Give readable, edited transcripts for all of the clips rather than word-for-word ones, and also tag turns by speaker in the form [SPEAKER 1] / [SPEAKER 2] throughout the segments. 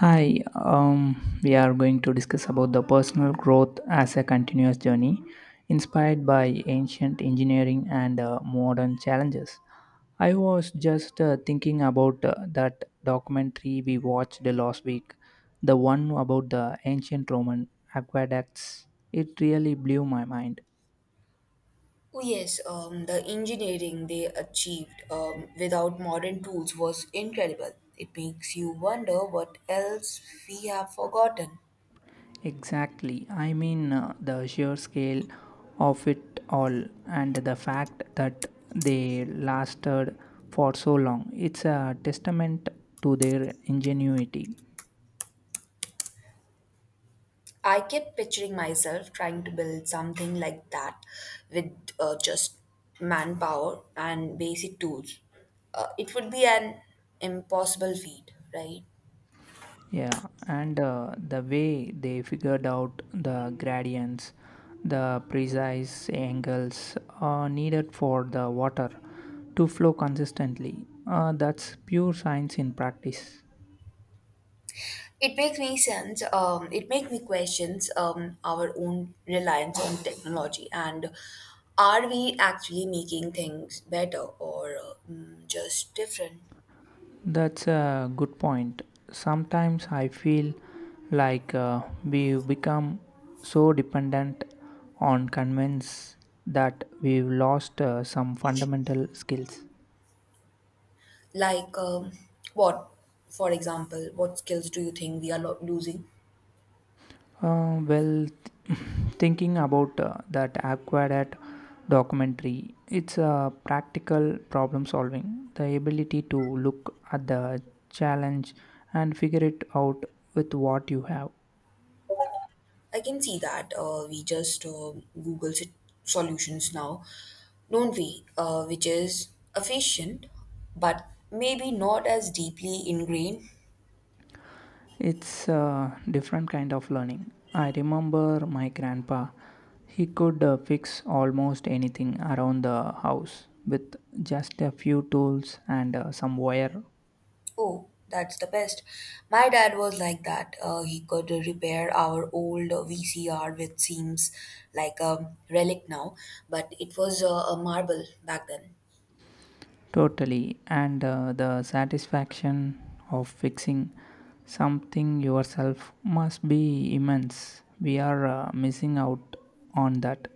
[SPEAKER 1] Hi, we are going to discuss about the personal growth as a continuous journey inspired by ancient engineering and modern challenges. I was just thinking about that documentary we watched last week, the one about the ancient Roman aqueducts. It really blew my mind.
[SPEAKER 2] Oh yes, the engineering they achieved without modern tools was incredible. It makes you wonder what else we have forgotten.
[SPEAKER 1] Exactly. I mean, the sheer scale of it all and the fact that they lasted for so long. It's a testament to their ingenuity.
[SPEAKER 2] I kept picturing myself trying to build something like that with just manpower and basic tools. It would be an impossible feat, right?
[SPEAKER 1] Yeah, and the way they figured out the gradients, the precise angles needed for the water to flow consistently. That's pure science in practice.
[SPEAKER 2] It makes me sense. It makes me questions our own reliance on technology, and are we actually making things better or just different?
[SPEAKER 1] That's a good point. Sometimes I feel like we become so dependent on convince that we've lost some fundamental skills.
[SPEAKER 2] Like what, for example, what skills do you think we are losing?
[SPEAKER 1] Well, th- thinking about that acquired documentary, it's a practical problem solving, the ability to look at the challenge and figure it out with what you have.
[SPEAKER 2] I can see that we just Google solutions now, don't we? Which is efficient, but maybe not as deeply ingrained.
[SPEAKER 1] It's a different kind of learning. I remember my grandpa. He could fix almost anything around the house with just a few tools and some wire.
[SPEAKER 2] Oh, that's the best. My dad was like that. He could repair our old VCR, which seems like a relic now, but it was a marble back then.
[SPEAKER 1] Totally. And the satisfaction of fixing something yourself must be immense. We are missing out on that.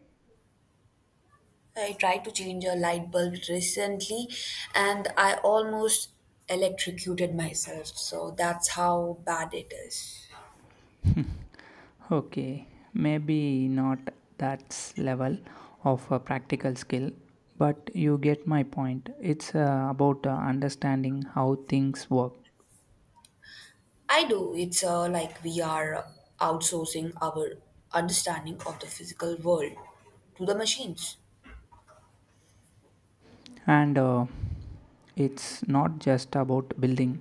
[SPEAKER 2] I tried to change a light bulb recently and I almost electrocuted myself, so that's how bad it is.
[SPEAKER 1] Okay, maybe not that level of a practical skill, but you get my point. It's about understanding how things work.
[SPEAKER 2] I do. It's like we are outsourcing our understanding of the physical world to the machines.
[SPEAKER 1] And it's not just about building,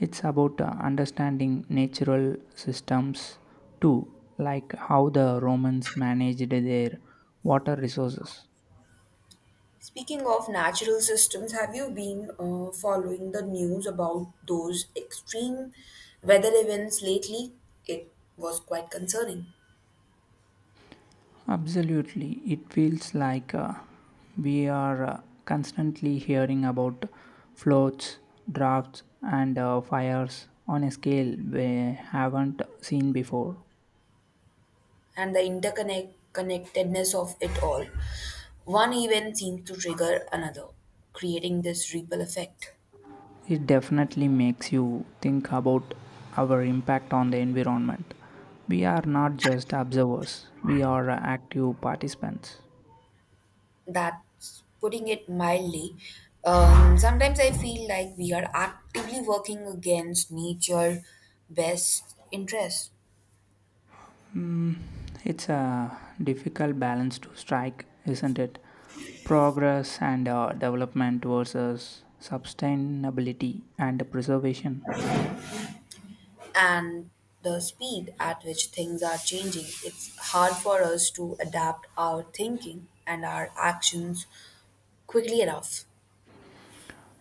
[SPEAKER 1] it's about understanding natural systems too, like how the Romans managed their water resources.
[SPEAKER 2] Speaking of natural systems, have you been following the news about those extreme weather events lately? It was quite concerning,
[SPEAKER 1] Absolutely. It feels like we are constantly hearing about floods, drafts, and fires on a scale we haven't seen before.
[SPEAKER 2] and the interconnect connectedness of it all. One event seems to trigger another, creating this ripple effect.
[SPEAKER 1] It definitely makes you think about our impact on the environment. We are not just observers, we are active participants.
[SPEAKER 2] That's putting it mildly. Sometimes I feel like we are actively working against nature' best interests.
[SPEAKER 1] Mm, it's a difficult balance to strike, isn't it? Progress and development versus sustainability and preservation.
[SPEAKER 2] And the speed at which things are changing, it's hard for us to adapt our thinking and our actions quickly enough.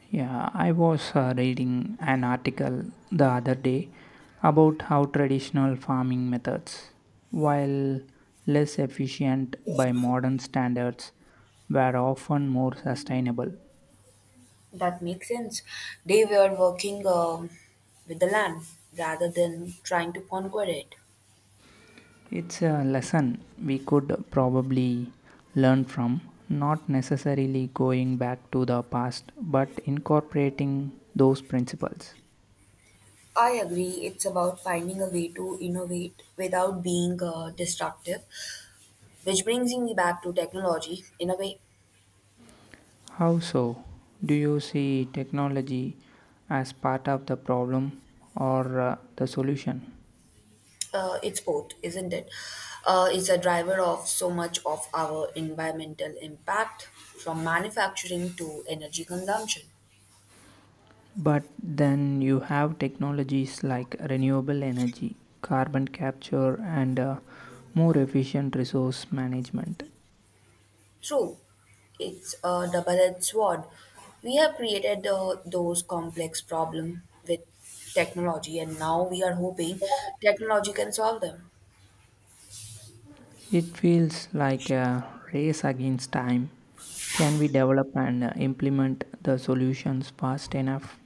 [SPEAKER 1] Yeah, I was reading an article the other day about how traditional farming methods, while less efficient by modern standards, were often more sustainable.
[SPEAKER 2] That makes sense. They were working with the land rather than trying to conquer it.
[SPEAKER 1] It's a lesson we could probably learn from, not necessarily going back to the past, but incorporating those principles.
[SPEAKER 2] I agree, it's about finding a way to innovate without being destructive, which brings me back to technology in a way.
[SPEAKER 1] How so? Do you see technology as part of the problem or the solution?
[SPEAKER 2] It's both, isn't it? It's a driver of so much of our environmental impact, from manufacturing to energy consumption.
[SPEAKER 1] But then you have technologies like renewable energy, carbon capture, and more efficient resource management.
[SPEAKER 2] True, it's a double-edged sword. We have created those complex problems with technology, and now we are hoping technology can solve them.
[SPEAKER 1] It feels like a race against time. Can we develop and implement the solutions fast enough?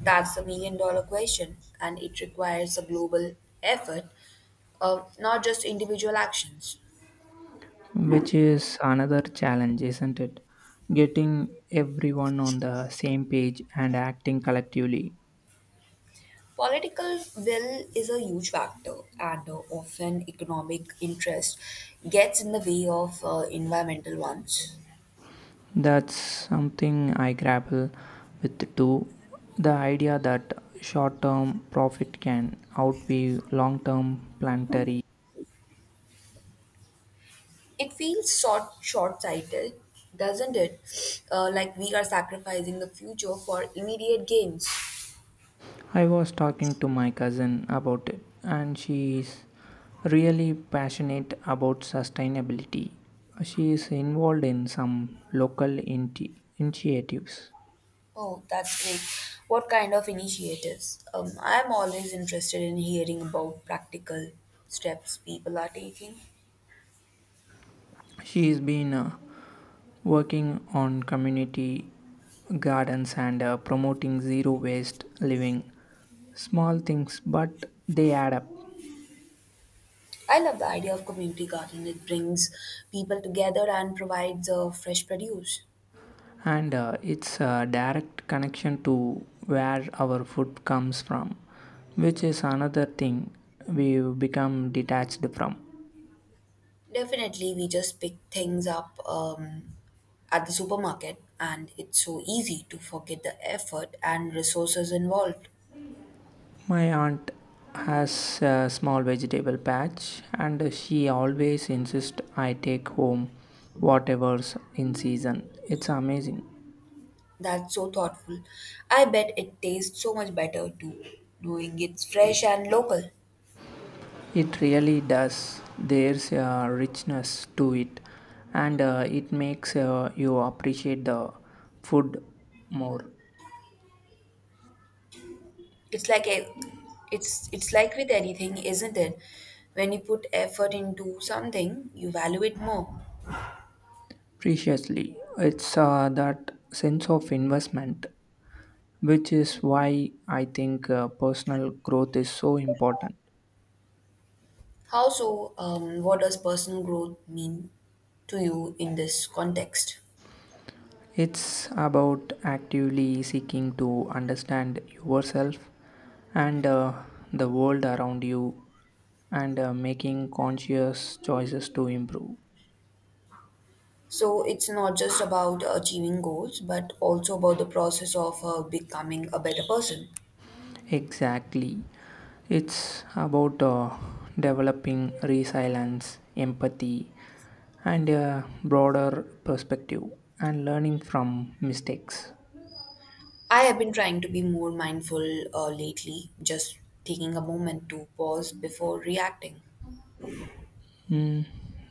[SPEAKER 2] That's the million-dollar question, and it requires a global effort, not just individual actions.
[SPEAKER 1] Which is another challenge, isn't it? Getting everyone on the same page and acting collectively.
[SPEAKER 2] Political will is a huge factor, and often economic interest gets in the way of environmental ones.
[SPEAKER 1] That's something I grapple with too. The idea that short term profit can outweigh long term planetary.
[SPEAKER 2] It feels short-sighted, doesn't it? Like we are sacrificing the future for immediate gains.
[SPEAKER 1] I was talking to my cousin about it, and she is really passionate about sustainability. She is involved in some local initiatives.
[SPEAKER 2] Oh, that's great. What kind of initiatives? I'm always interested in hearing about practical steps people are taking.
[SPEAKER 1] She has been working on community gardens and promoting zero waste living. Small things, but they add up.
[SPEAKER 2] I love the idea of community garden. It brings people together and provides fresh produce.
[SPEAKER 1] And it's a direct connection to where our food comes from, which is another thing we become detached from.
[SPEAKER 2] Definitely, we just pick things up at the supermarket, and it's so easy to forget the effort and resources involved.
[SPEAKER 1] My aunt has a small vegetable patch and she always insists I take home whatever's in season. It's amazing.
[SPEAKER 2] That's so thoughtful. I bet it tastes so much better too, knowing it's fresh and local.
[SPEAKER 1] It really does. There's a richness to it and it makes you appreciate the food more.
[SPEAKER 2] It's like a, it's like with anything, isn't it? When you put effort into something, you value it more.
[SPEAKER 1] Preciously, it's that sense of investment, which is why I think personal growth is so important.
[SPEAKER 2] How so? What does personal growth mean to you in this context?
[SPEAKER 1] It's about actively seeking to understand yourself and the world around you and making conscious choices to improve.
[SPEAKER 2] So it's not just about achieving goals, but also about the process of becoming a better person.
[SPEAKER 1] Exactly. It's about developing resilience, empathy, and a broader perspective, and learning from mistakes.
[SPEAKER 2] I have been trying to be more mindful lately, just taking a moment to pause before reacting.
[SPEAKER 1] Mm,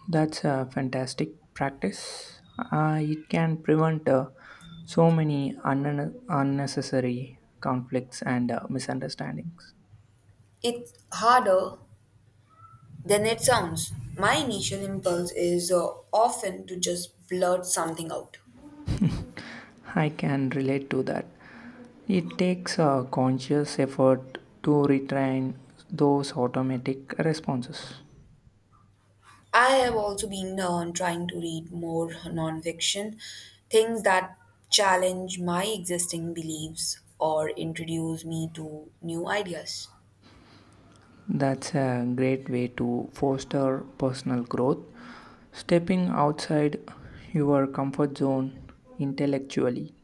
[SPEAKER 1] that's a fantastic practice. It can prevent so many unnecessary conflicts and misunderstandings.
[SPEAKER 2] It's harder than it sounds. My initial impulse is often to just blurt something out.
[SPEAKER 1] I can relate to that. It takes a conscious effort to retrain those automatic responses.
[SPEAKER 2] I have also been on trying to read more nonfiction, things that challenge my existing beliefs or introduce me to new ideas.
[SPEAKER 1] That's a great way to foster personal growth, stepping outside your comfort zone intellectually.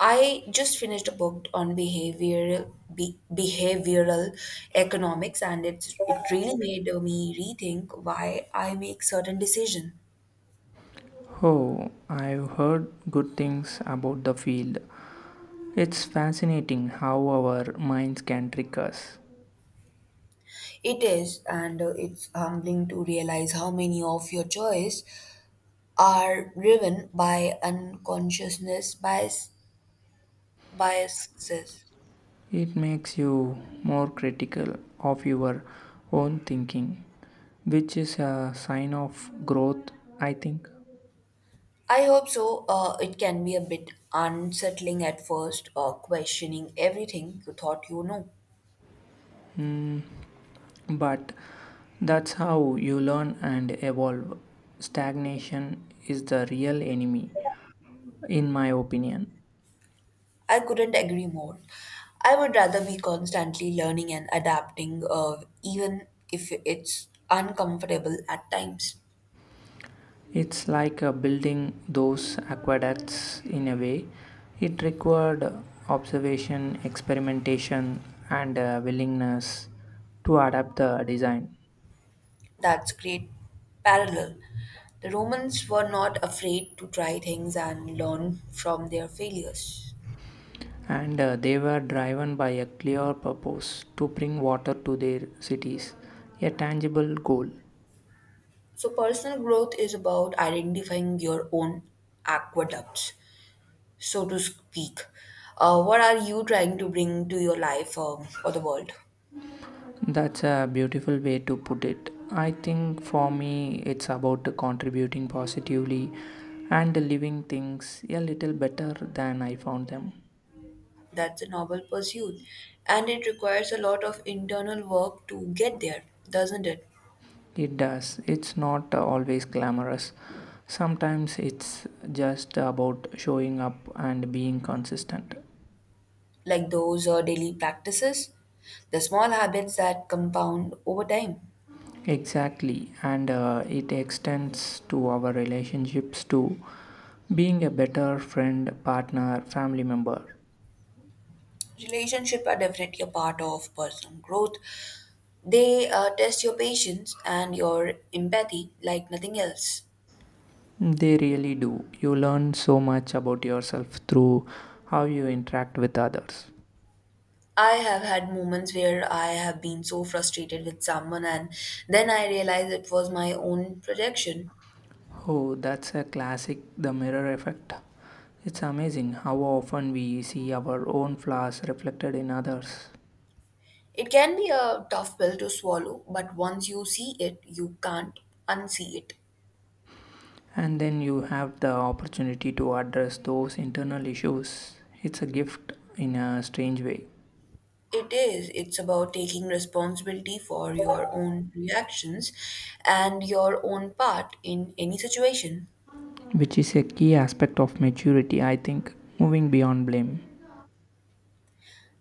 [SPEAKER 2] I just finished a book on behavioral economics, and it really made me rethink why I make certain decisions.
[SPEAKER 1] Oh, I've heard good things about the field. It's fascinating how our minds can trick us.
[SPEAKER 2] It is, and it's humbling to realize how many of your choices are driven by unconsciousness biases.
[SPEAKER 1] It makes you more critical of your own thinking, which is a sign of growth, I think.
[SPEAKER 2] I hope so. It can be a bit unsettling at first, questioning everything you thought you know.
[SPEAKER 1] But that's how you learn and evolve. Stagnation is the real enemy, in my opinion.
[SPEAKER 2] I couldn't agree more. I would rather be constantly learning and adapting, even if it's uncomfortable at times.
[SPEAKER 1] It's like building those aqueducts in a way. It required observation, experimentation, and a willingness to adapt the design.
[SPEAKER 2] That's great. Parallel. The Romans were not afraid to try things and learn from their failures.
[SPEAKER 1] And they were driven by a clear purpose to bring water to their cities, a tangible goal.
[SPEAKER 2] So, personal growth is about identifying your own aqueducts, so to speak. What are you trying to bring to your life or the world?
[SPEAKER 1] That's a beautiful way to put it. I think for me, it's about contributing positively and leaving things a little better than I found them.
[SPEAKER 2] That's a noble pursuit. And it requires a lot of internal work to get there, doesn't it?
[SPEAKER 1] It does, it's not always glamorous. Sometimes it's just about showing up and being consistent.
[SPEAKER 2] Like those daily practices, the small habits that compound over time.
[SPEAKER 1] Exactly, and it extends to our relationships too. Being a better friend, partner, family member.
[SPEAKER 2] Relationships are definitely a part of personal growth. They test your patience and your empathy like nothing else.
[SPEAKER 1] They really do. You learn so much about yourself through how you interact with others.
[SPEAKER 2] I have had moments where I have been so frustrated with someone, and then I realize it was my own projection.
[SPEAKER 1] Oh, that's a classic, the mirror effect. It's amazing how often we see our own flaws reflected in others.
[SPEAKER 2] It can be a tough pill to swallow, but once you see it, you can't unsee it.
[SPEAKER 1] And then you have the opportunity to address those internal issues. It's a gift in a strange way.
[SPEAKER 2] It is. It's about taking responsibility for your own reactions and your own part in any situation.
[SPEAKER 1] Which is a key aspect of maturity, I think, moving beyond blame.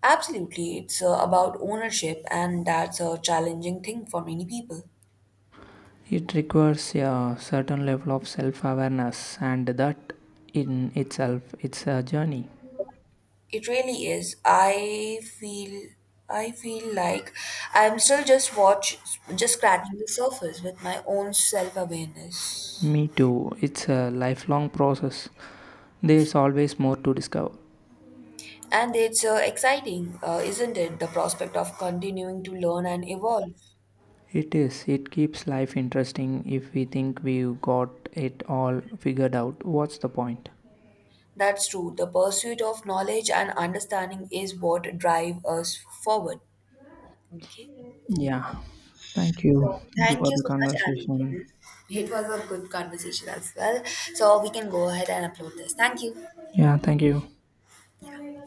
[SPEAKER 2] Absolutely, it's about ownership, and that's a challenging thing for many people.
[SPEAKER 1] It requires a certain level of self awareness, and that in itself it's a journey.
[SPEAKER 2] It really is. I feel like I'm still just scratching the surface with my own self-awareness.
[SPEAKER 1] Me too. It's a lifelong process. There's always more to discover.
[SPEAKER 2] And it's exciting, isn't it? The prospect of continuing to learn and evolve.
[SPEAKER 1] It is. It keeps life interesting. If we think we've got it all figured out, what's the point?
[SPEAKER 2] That's true. The pursuit of knowledge and understanding is what drive us forward. Okay.
[SPEAKER 1] Yeah, thank you.
[SPEAKER 2] So
[SPEAKER 1] Thank you
[SPEAKER 2] thank
[SPEAKER 1] for
[SPEAKER 2] you
[SPEAKER 1] the
[SPEAKER 2] so much, and we
[SPEAKER 1] conversation.
[SPEAKER 2] can. It was a good conversation as well. So we can go ahead and upload this. Thank you.
[SPEAKER 1] Yeah, thank you.
[SPEAKER 2] Yeah.